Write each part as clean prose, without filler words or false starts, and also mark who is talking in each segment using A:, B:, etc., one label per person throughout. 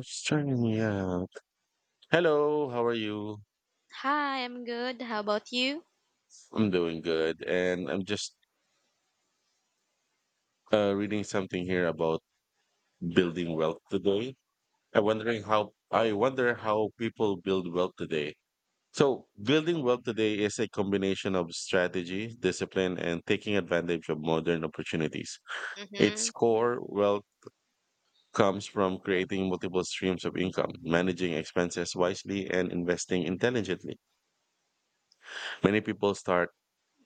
A: It's turning me out. Hello, how are you?
B: Hi, I'm good. How about you?
A: I'm doing good, and I'm just reading something here about building wealth today. I wonder how people build wealth today. So, building wealth today is a combination of strategy, discipline, and taking advantage of modern opportunities. Its
B: Mhm.
A: core wealth comes from creating multiple streams of income, managing expenses wisely, and investing intelligently. Many people start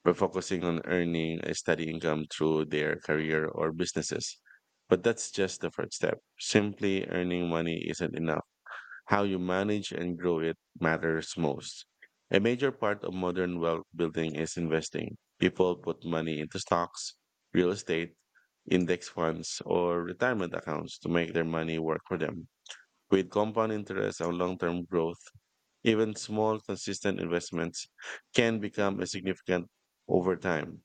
A: by focusing on earning a steady income through their career or businesses. But that's just the first step. Simply earning money isn't enough. How you manage and grow it matters most. A major part of modern wealth building is investing. People put money into stocks, real estate, index funds, or retirement accounts to make their money work for them. With compound interest and long term growth, even small, consistent investments can become a significant over time.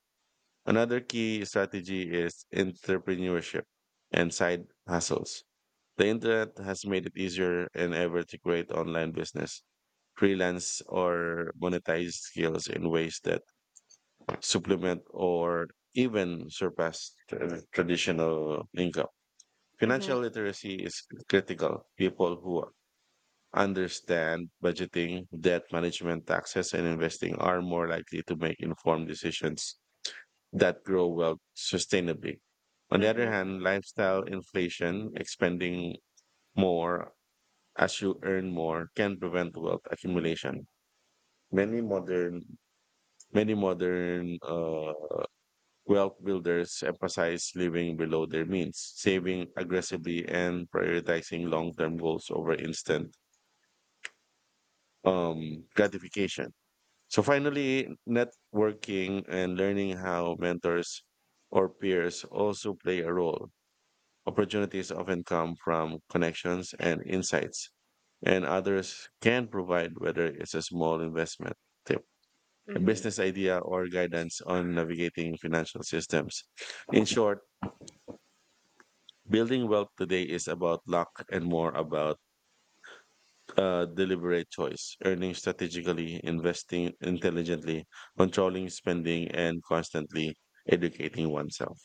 A: Another key strategy is entrepreneurship and side hustles. The internet has made it easier than ever to create online business, freelance, or monetize skills in ways that supplement or even surpass traditional income.
B: Mhm.
A: Financial literacy is critical. People who understand budgeting, debt management, taxes, and investing are more likely to make informed decisions that grow wealth sustainably. On the other
B: Mhm.
A: hand, lifestyle inflation, expending more as you earn more, can prevent wealth accumulation. Many modern, many modern wealth builders emphasize living below their means, saving aggressively, and prioritizing long-term goals over instant gratification. So finally, networking and learning how mentors or peers also play a role. Opportunities often come from connections and insights, and others can provide whether it's a small investment tip, a
B: Mhm.
A: business idea, or guidance on navigating financial systems. In short, building wealth today is about luck and more about deliberate choice, earning strategically, investing intelligently, controlling spending, and constantly educating oneself.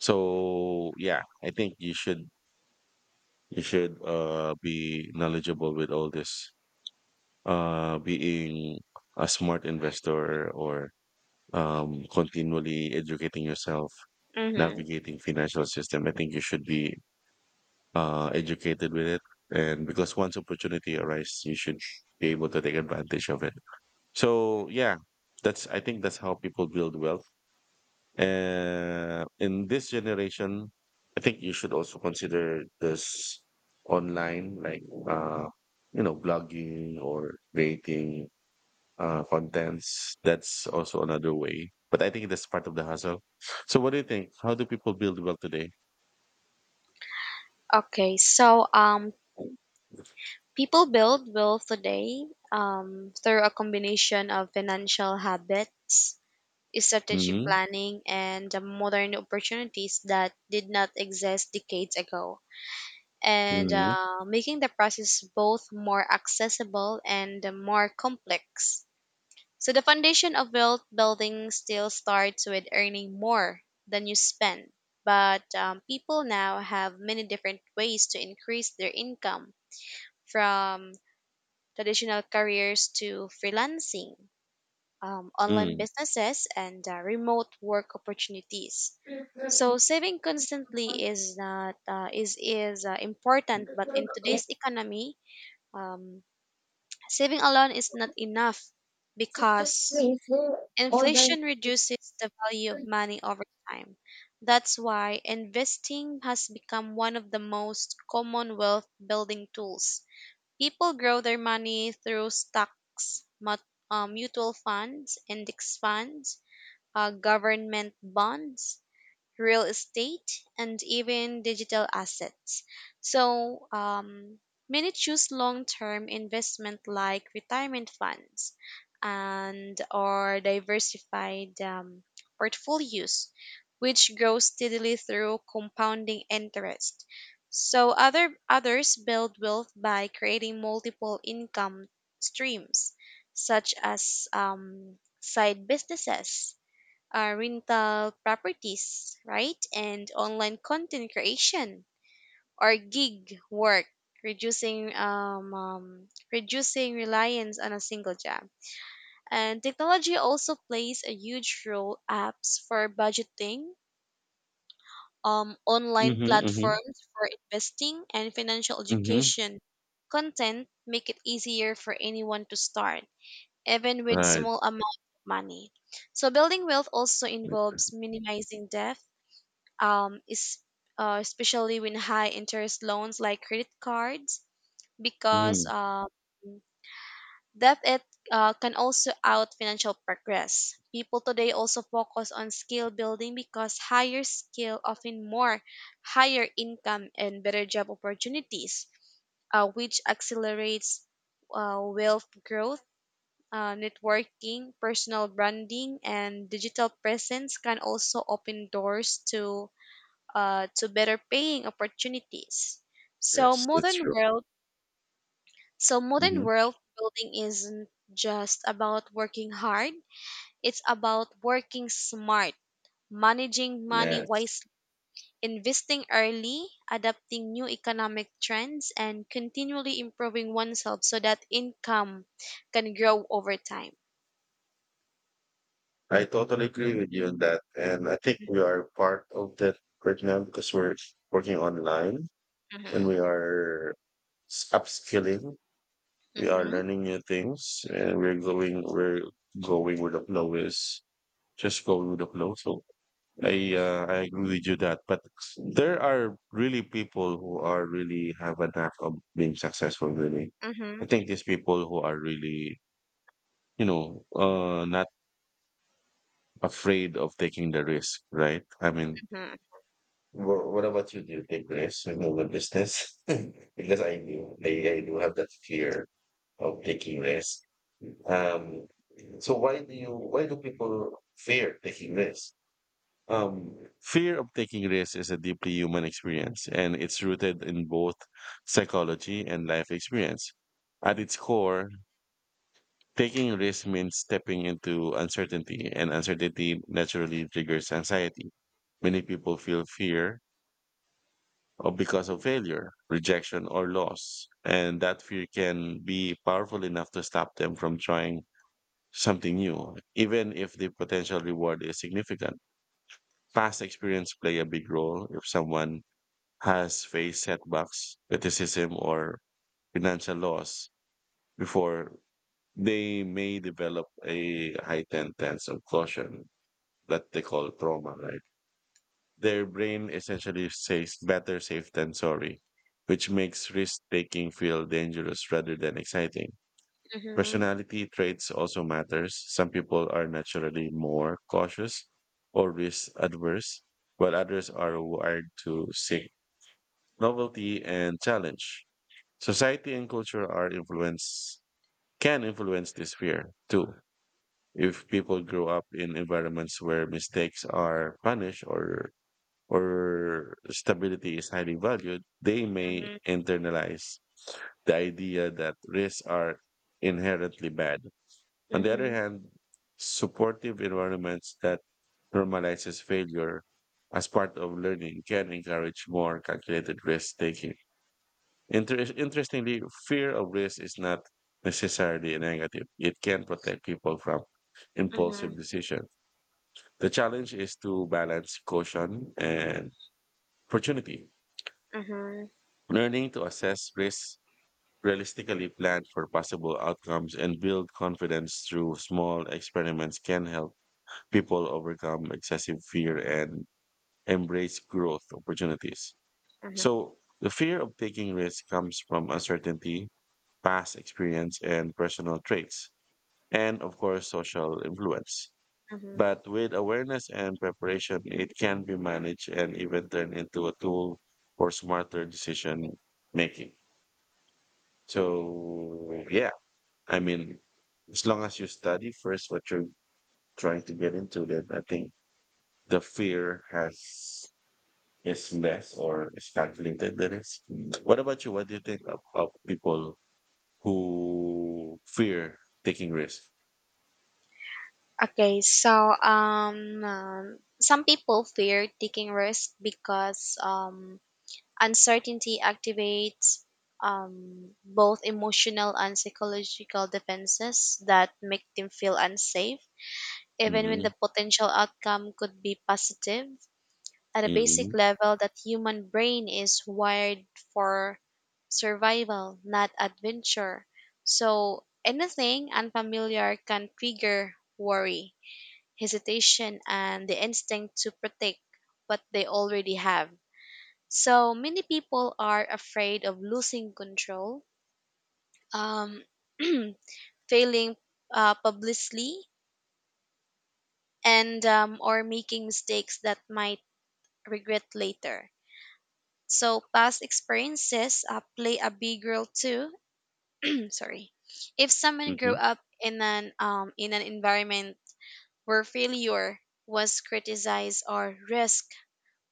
A: So, yeah, I think you should be knowledgeable with all this. Being a smart investor or continually educating yourself,
B: Mhm.
A: navigating financial system. I think you should be educated with it, and because once opportunity arises, you should be able to take advantage of it. So yeah, that's I think that's how people build wealth. In this generation, I think you should also consider this online, like uh, blogging or creating contents. That's also another way. But I think that's part of the hustle. So, what do you think? How do people build wealth today?
B: Okay, so people build wealth today through a combination of financial habits, strategic
A: Mm,
B: planning, and the modern opportunities that did not exist decades ago.
A: mm,
B: And
A: mm.
B: making the process both more accessible and more complex. So the foundation of wealth building still starts with earning more than you spend. But people now have many different ways to increase their income from traditional careers to freelancing, online
A: Mm-hmm.
B: businesses, and remote work opportunities. So saving constantly is not is is important, but in today's economy, um, saving alone is not enough because inflation reduces the value of money over time. That's why investing has become one of the most common wealth building tools. People grow their money through stocks, mutual funds, index funds, government bonds, real estate, and even digital assets. So many choose long-term investment like retirement funds and or diversified portfolios, which grow steadily through compounding interest. So others build wealth by creating multiple income streams, such as side businesses rental properties, right? And online content creation or gig work, reducing reducing reliance on a single job. And technology also plays a huge role. Apps for budgeting, online
A: Mm-hmm, mm-hmm,
B: platforms for investing, and financial
A: mm-hmm.
B: education content make it easier for anyone to start, even with
A: Right.
B: small amount of money. So building wealth also involves minimizing debt um, is, especially when high interest loans like credit cards, because
A: Mm,
B: that it can also out financial progress. People today also focus on skill building because higher skill often more higher income and better job opportunities, which accelerates wealth growth. Networking, personal branding, and digital presence can also open doors to better paying opportunities. So
A: yes, that's
B: modern
A: true.
B: world so
A: Mm-hmm.
B: modern world building isn't just about working hard, it's about working smart, managing money
A: Yes,
B: wisely, investing early, adapting new economic trends and continually improving oneself so that income can grow over time.
A: I totally agree with you on that. And I think we are part of that right now because we're working online, and
B: Mhm,
A: we are upskilling. We are
B: mhm,
A: learning new things, and we're going, with the flow is just going with the flow. So I agree with you that, but there are really people who are really have a knack of being successful, really. I
B: mhm,
A: think these people who are really, you know, uh, afraid of taking the risk, right? I mean,
B: mhm,
A: what about you? Do you take risks in your business? Because I do have that fear of taking risks. Um, so why do people fear taking risks? Um, Fear of taking risks is a deeply human experience, and it's rooted in both psychology and life experience. At its core, taking risk means stepping into uncertainty, and uncertainty naturally triggers anxiety. Many people feel fear of because of failure, rejection, or loss, and that fear can be powerful enough to stop them from trying something new, even if the potential reward is significant. Past experience play a big role. If someone has faced setbacks, criticism, or financial loss before, they may develop a heightened sense of caution that they call trauma, right? Their brain essentially says better safe than sorry, which makes risk taking feel dangerous rather than exciting.
B: mhm,
A: Personality traits also matters. Some people are naturally more cautious or risk adverse, while others are wired to seek novelty and challenge. Society and culture are influence can influence this fear too. If people grow up in environments where mistakes are punished or stability is highly valued, they may
B: mhm,
A: internalize the idea that risks are inherently bad. On the other
B: mhm,
A: hand, supportive environments that normalizes failure as part of learning can encourage more calculated risk taking. Interestingly, fear of risk is not necessarily a negative. It can protect people from impulsive
B: mhm,
A: decisions. The challenge is to balance caution and opportunity.
B: mhm, mhm,
A: Learning to assess risks, realistically plan for possible outcomes, and build confidence through small experiments can help people overcome excessive fear and embrace growth opportunities.
B: mhm.
A: So, the fear of taking risks comes from uncertainty, past experience, and personal traits, and of course, social influence.
B: Mhm.
A: But with awareness and preparation, it can be managed and even turned into a tool for smarter decision making. So yeah, I mean, as long as you study first what you're trying to get into, then I think the fear has is less or is calculated than is. What about you? What do you think of people who fear taking risks?
B: Okay, so some people fear taking risks because uncertainty activates both emotional and psychological defenses that make them feel unsafe, even when
A: Mm-hmm,
B: the potential outcome could be positive. At a basic
A: mm-hmm,
B: level, that human brain is wired for survival, not adventure. So anything unfamiliar can trigger worry hesitation, and the instinct to protect what they already have. So many people are afraid of losing control, um, failing publicly, and or making mistakes that might regret later. So past experiences play a big role too. Sorry, if someone
A: mm-hmm,
B: grew up in an environment where failure was criticized or risk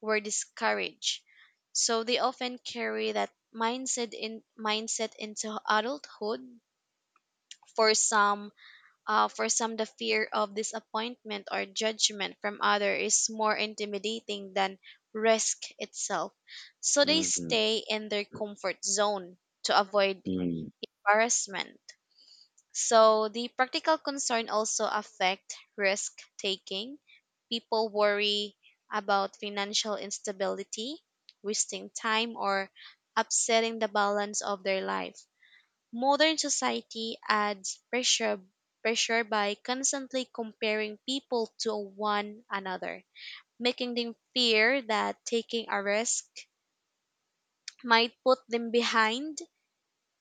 B: were discouraged. So they often carry that mindset into adulthood. For some, for some, the fear of disappointment or judgment from other is more intimidating than risk itself. So they
A: mm-hmm,
B: stay in their comfort zone to avoid embarrassment. So the practical concern also affect risk taking. People worry about financial instability, wasting time or upsetting the balance of their life. Modern society adds pressure by constantly comparing people to one another, making them fear that taking a risk might put them behind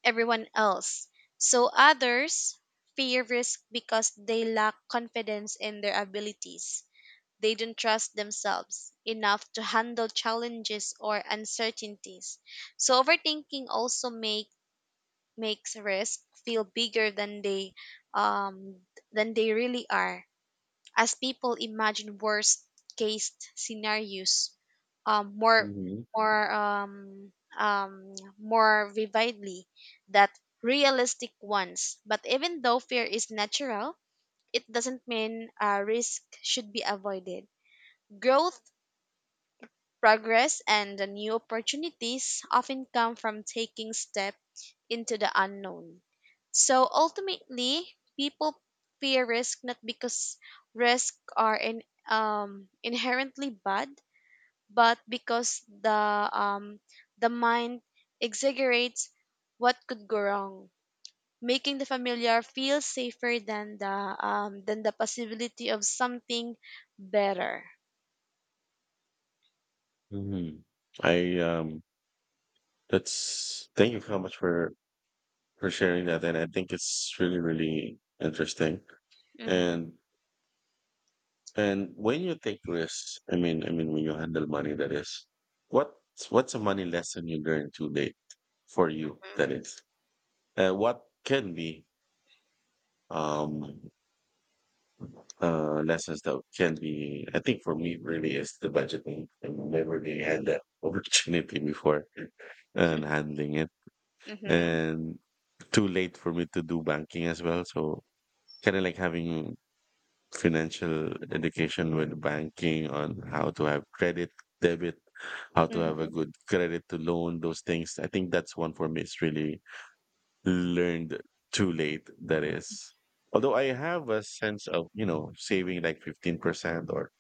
B: everyone else. So others fear risk because they lack confidence in their abilities. They don't trust themselves enough to handle challenges or uncertainties. So overthinking also makes risk feel bigger than um they really are as people imagine worst case scenarios um, more
A: mm-hmm,
B: more um, more vividly than realistic ones. But even though fear is natural, it doesn't mean risk should be avoided. Growth, progress, and the new opportunities often come from taking steps into the unknown. So ultimately, people fear risk not because risks are inherently bad, but because the mind exaggerates what could go wrong, making the familiar feel safer than the possibility of something better.
A: mm-hmm. I That's, thank you so much for sharing that, and I think it's really really interesting.
B: Mm-hmm,
A: And And when you take risks, I mean, when you handle money, that is, what's a money lesson you learned to date for you?
B: mm-hmm,
A: That is, what can be um lessons that can be. I think for me, really, is the budgeting. I never really had that opportunity before, and handling it,
B: mm-hmm,
A: and too late for me to do banking as well. So kind of like having financial education with banking on how to have credit, debit, how to have a
B: mm-hmm,
A: good credit to loan, those things. I think that's one for me. It's really learned too late. That is, although I have a sense of, saving like 15% or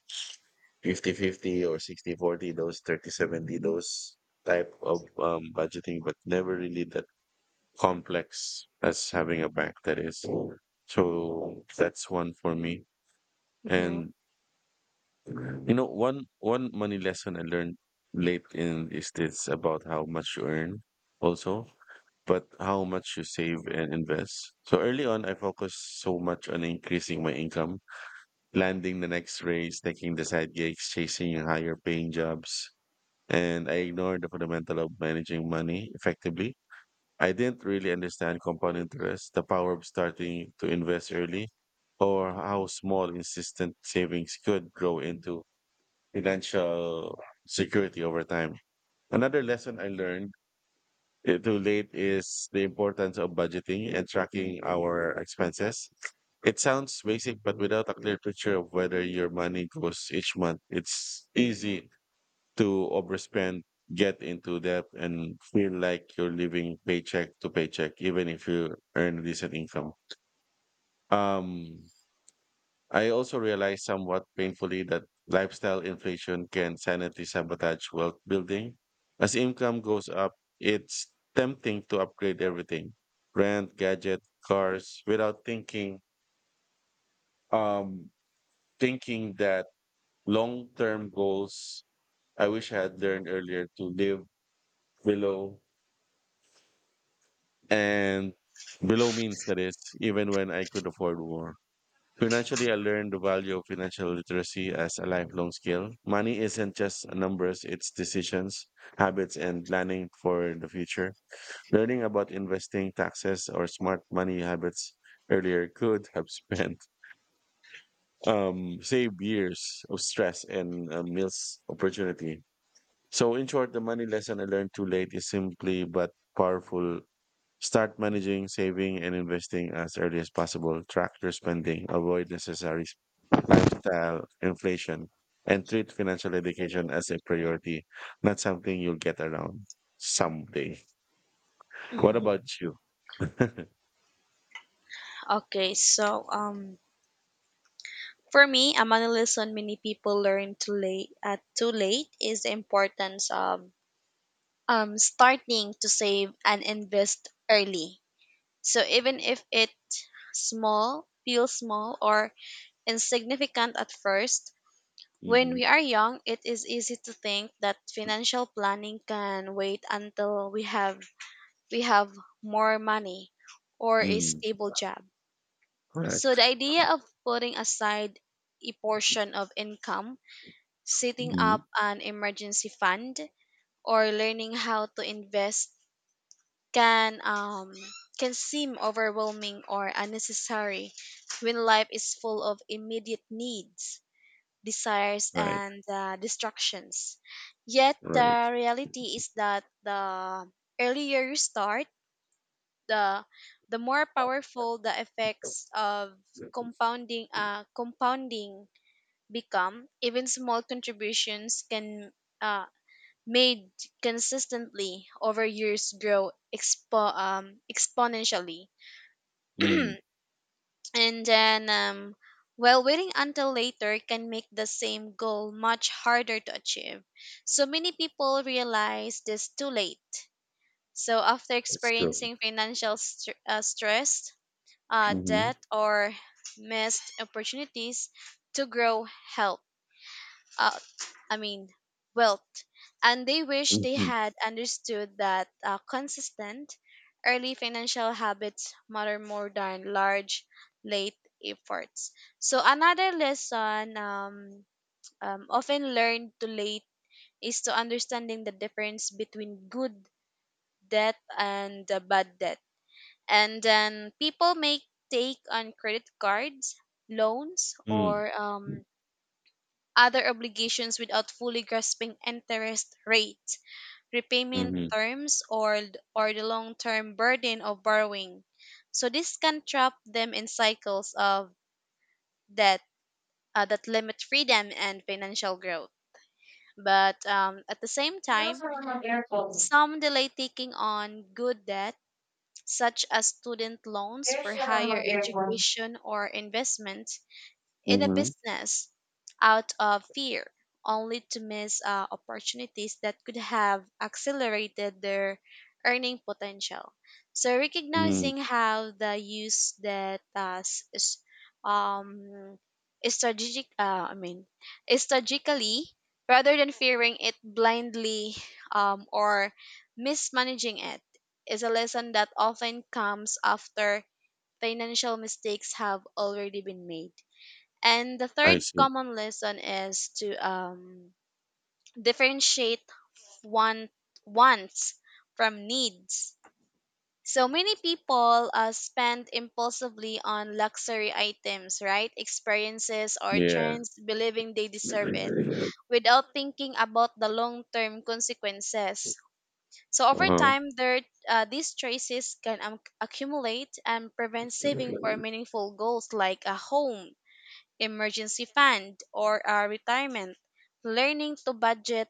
A: 50 50 or 60/40 those 30/70 those type of budgeting, but never really that complex as having a bank that is. So that's one for me. And one money lesson I learned late in is this about how much you earn also, but how much you save and invest. So early on, I focused so much on increasing my income, landing the next raise, taking the side gigs, chasing higher paying jobs, and I ignored the fundamental of managing money effectively. I didn't really understand compound interest, the power of starting to invest early, or how small, consistent savings could grow into financial security over time. Another lesson I learned too late is the importance of budgeting and tracking our expenses. It sounds basic, but without a clear picture of whether your money goes each month, it's easy to overspend, get into debt, and feel like you're living paycheck to paycheck, even if you earn decent income. Um, I also realized somewhat painfully that lifestyle inflation can silently sabotage wealth building. As income goes up, it's tempting to upgrade everything, rent, gadget, cars, without um thinking that long-term goals. I wish I had learned earlier to live below and below means that is even when I could afford more. Financially, I learned the value of financial literacy as a lifelong skill. Money isn't just numbers, it's decisions, habits, and planning for the future. Learning about investing, taxes, or smart money habits earlier could have saved years of stress and missed opportunity. So, in short, the money lesson I learned too late is simply but powerful. Start managing, saving, and investing as early as possible. Track your spending, avoid necessary lifestyle, inflation, and treat financial education as a priority, not something you'll get around someday. What
B: mm-hmm.
A: about you? Mm-hmm.
B: Okay, so for me, another lesson many people learn too late is the importance of starting to save and invest early. So even if it's small, feels small or insignificant at first, when we are young, it is easy to think that financial planning can wait until we have more money or a
A: Mm.
B: stable job. So
A: Correct.
B: the idea of putting aside a portion of income setting up
A: Hmm.
B: an emergency fund or learning how to invest can um can seem overwhelming or unnecessary when life is full of immediate needs desires
A: Right.
B: and distractions yet the
A: Right.
B: reality is that the earlier you start the the more powerful the effects of compounding become even small contributions can uh, made consistently over years grow exponentially.
A: Mm.
B: And then, well, waiting until later can make the same goal much harder to achieve. So many people realize this too late. So after
A: It's true.
B: experiencing financial stress,
A: Hmm.
B: debt, or missed opportunities to grow help uh, I mean, wealth, and they wish they
A: Hmm.
B: had understood that consistent early financial habits matter more than large late efforts. So another lesson often learned too late is to understanding the difference between good debt and bad debt. And then people make take on credit cards, loans,
A: Mm.
B: or other obligations without fully grasping interest rate, repayment
A: Hmm.
B: terms, or the long term burden of borrowing. So, this can trap them in cycles of debt that limit freedom and financial growth. But at the same
A: Meron
B: time,
A: sa mga mag-aircon.
B: some delay taking on good debt, such as student loans
A: Meron
B: for
A: sa mga
B: higher
A: mag-aircon.
B: education or investment, in a
A: Hmm.
B: business out of fear, only to miss opportunities that could have accelerated their earning potential. So
A: Mm.
B: recognizing how the use that um, strategic, uh, I mean, strategically rather than fearing it blindly or mismanaging it is a lesson that often comes after financial mistakes have already been made. And the
A: I
B: third
A: see.
B: common lesson is to differentiate want, wants from needs. So many people spend impulsively on luxury items, right? Experiences or
A: Yeah.
B: trends, believing they deserve it without thinking about the long term consequences. So over
A: Uh-huh.
B: time, these choices can accumulate and prevent saving for meaningful goals like a home emergency fund, or a retirement. Learning to budget,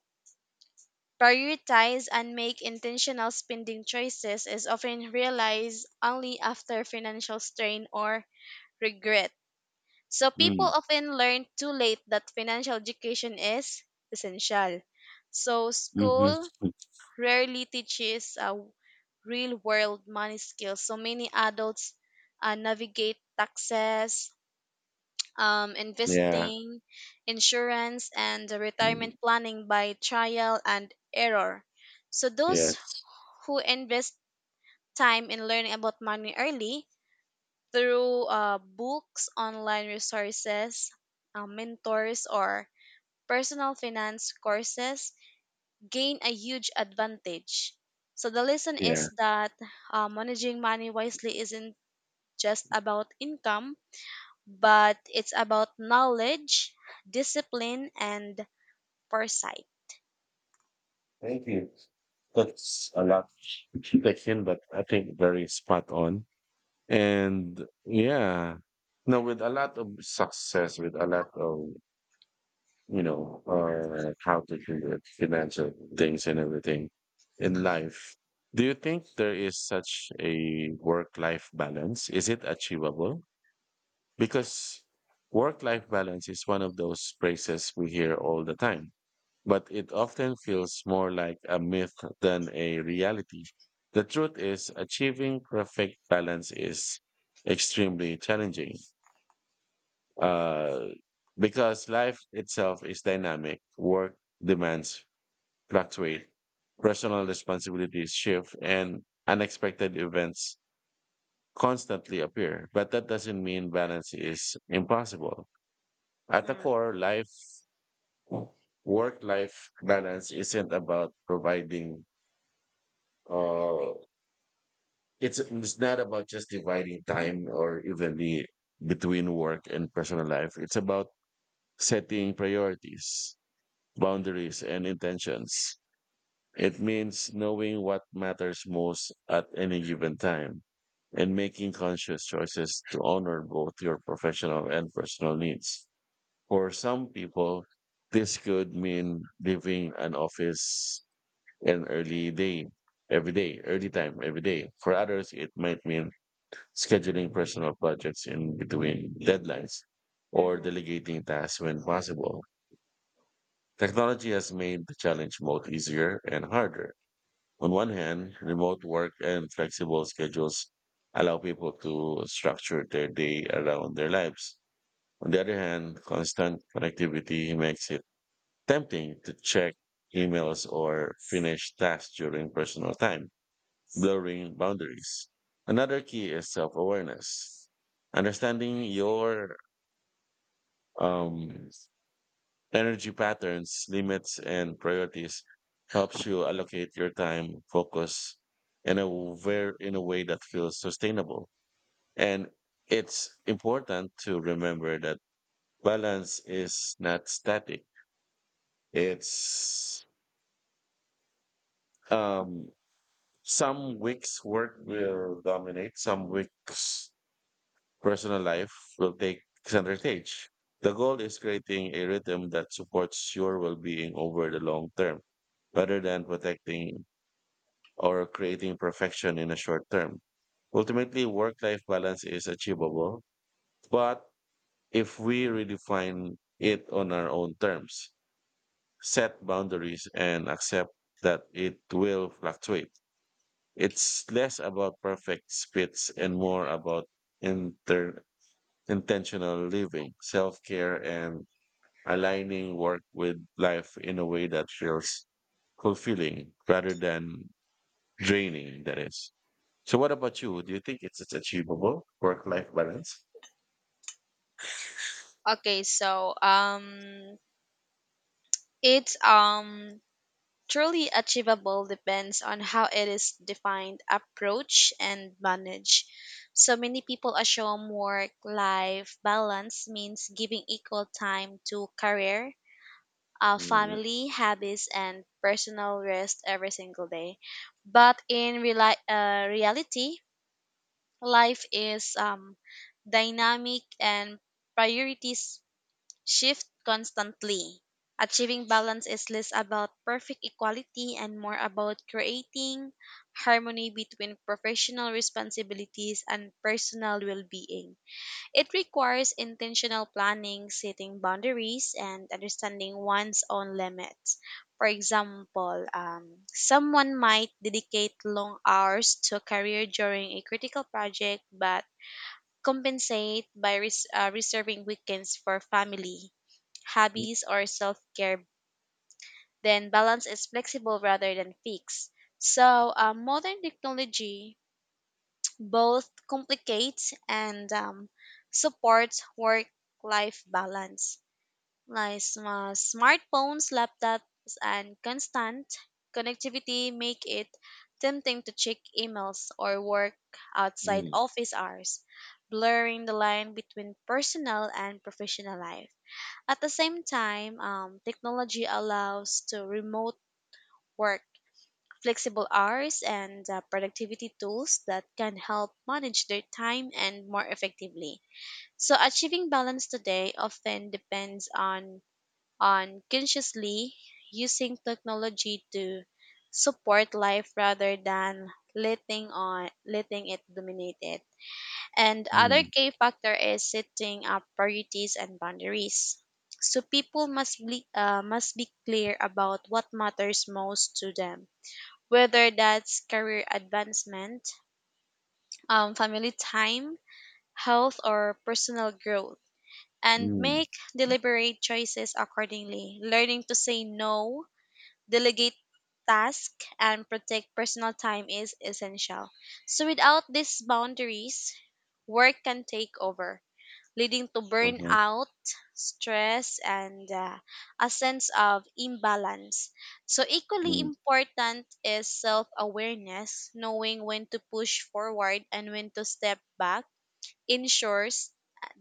B: prioritize, and make intentional spending choices is often realized only after financial strain or regret. So people
A: Mm.
B: often learn too late that financial education is essential. So
A: Hmm.
B: school rarely teaches real world money skills. So many adults navigate taxes,
A: Yeah.
B: investing, insurance, and the retirement planning by trial and error. So those
A: Yes.
B: who invest time in learning about money early through books, online resources, mentors, or personal finance courses gain a huge advantage. So the lesson is
A: Yeah.
B: that managing money wisely isn't just about income but it's about knowledge, discipline, and foresight.
A: Thank you. That's a lot taken, but I think very spot on. And yeah, no, with a lot of success, with a lot of, how to do the financial things and everything in life. Do you think there is such a work-life balance? Is it achievable? Because work-life balance is one of those phrases we hear all the time, but it often feels more like a myth than a reality. The truth is, achieving perfect balance is extremely challenging, uh, because life itself is dynamic, work demands fluctuate, personal responsibilities shift, and unexpected events constantly appear. But that doesn't mean balance is impossible. At the core, work life balance isn't about providing uh, it's not about just dividing time or evenly between work and personal life. It's about setting priorities, boundaries, and intentions. It means knowing what matters most at any given time and making conscious choices to honor both your professional and personal needs. For some people, this could mean leaving an office and early day, every day, early time, every day. For others, it might mean scheduling personal projects in between deadlines or
B: Mm-hmm.
A: delegating tasks when possible. Technology has made the challenge both easier and harder. On one hand, remote work and flexible schedules allow people to structure their day around their lives. On the other hand, constant connectivity makes it tempting to check emails or finish tasks during personal time, blurring boundaries. Another key is self awareness, understanding your um, energy patterns, limits, and priorities helps you allocate your time, focus in a in a way that feels sustainable. And it's important to remember that balance is not static. It's um, some weeks work will dominate, some weeks personal life will take center stage. The goal is creating a rhythm that supports your well being over the long term, rather than protecting or creating perfection in a short term. Ultimately, work life balance is achievable, but if we redefine it on our own terms, set boundaries, and accept that it will fluctuate, it's less about perfect spits and more about inter- intentional living, self care, and aligning work with life in a way that feels fulfilling rather than draining, that is. So, what about you? Do you think it's achievable work life balance?
B: Okay, so it's truly achievable depends on how it is defined, approach, and managed. So many people assume work-life balance means giving equal time to career,
A: Mm,
B: family, habits, and personal rest every single day. But reality, life is dynamic and priorities shift constantly. Achieving balance is less about perfect equality and more about creating harmony between professional responsibilities and personal well being. It requires intentional planning, setting boundaries, and understanding one's own limits. For example, someone might dedicate long hours to a career during a critical project, but compensate by reserving weekends for family, hobbies, or self care. Then balance is flexible rather than fixed. So, modern technology both complicates and supports work-life balance. Like smartphones, laptops, and constant connectivity make it tempting to check emails or work outside
A: mm,
B: office hours, blurring the line between personal and professional life. At the same time, technology allows to remote work flexible hours and productivity tools that can help manage their time and more effectively. So achieving balance today often depends on consciously using technology to support life rather than letting it dominate it. And other
A: mm,
B: key factor is setting up priorities and boundaries. So people must be clear about what matters most to them whether that's career advancement, family time, health, or personal growth, and
A: mm,
B: make deliberate choices accordingly. Learning to say no, delegate tasks, and protect personal time is essential. So, without these boundaries, work can take over leading to
A: uh-huh,
B: burnout, stress, and a sense of imbalance. So, equally
A: mm,
B: important is self awareness, knowing when to push forward and when to step back, ensures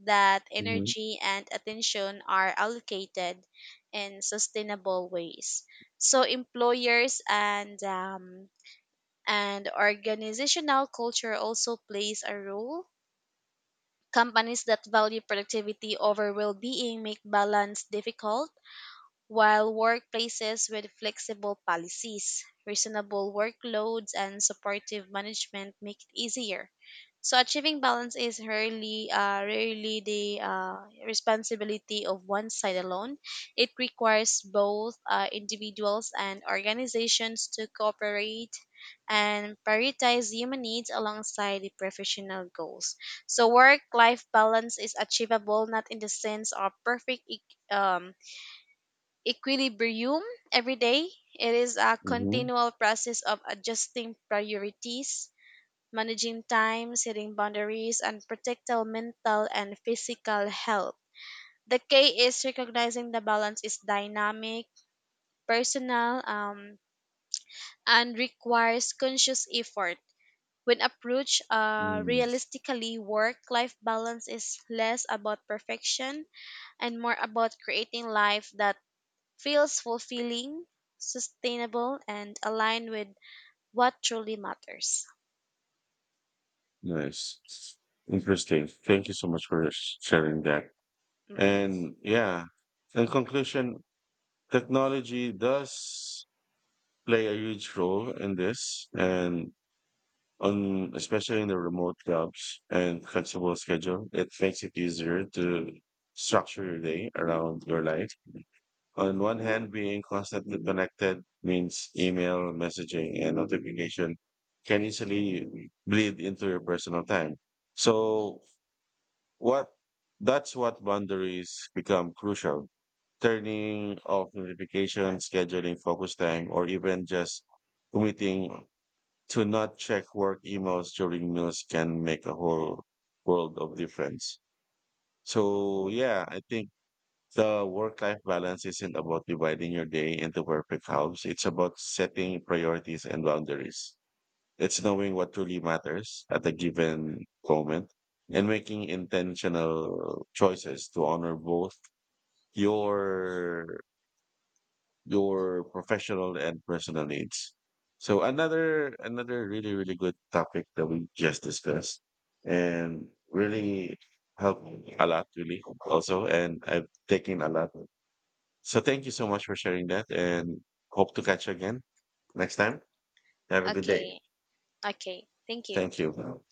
B: that
A: mhm,
B: energy and attention are allocated in sustainable ways. So, employers and organizational culture also plays a role. Companies that value productivity over well being make balance difficult while workplaces with flexible policies, reasonable workloads, and supportive management make it easier. So achieving balance is rarely the responsibility of one side alone. It requires both individuals and organizations to cooperate and prioritize human needs alongside the professional goals. So work-life balance is achievable not in the sense of perfect um, equilibrium every day. It is a
A: mhm,
B: continual process of adjusting priorities, managing time, setting boundaries, and protect our mental and physical health. The key is recognizing the balance is dynamic, personal, and requires conscious effort. When approached
A: mm.
B: realistically, work life balance is less about perfection and more about creating life that feels fulfilling, sustainable, and aligned with what truly matters.
A: Nice. Interesting. Thank you so much for sharing that.
B: Mm-mm.
A: And yeah, in conclusion, technology does play a huge role in this, and on especially in the remote jobs and flexible schedule, it makes it easier to structure your day around your life. On one hand, being constantly connected means email, messaging, and notification can easily bleed into your personal time. So what that's what boundaries become crucial. Turning off notifications, scheduling focus time, or even just committing to not check work emails during meals can make a whole world of difference. So yeah, I think the work-life balance isn't about dividing your day into perfect halves. It's about setting priorities and boundaries. It's knowing what truly matters at a given moment and making intentional choices to honor both your your professional and personal needs. So another really really good topic that we just discussed, and really helped a lot, really also, and I've taken a lot. So thank you so much for sharing that, and hope to catch you again next time. Have a good day.
B: Okay, okay. Thank you.
A: Thank you.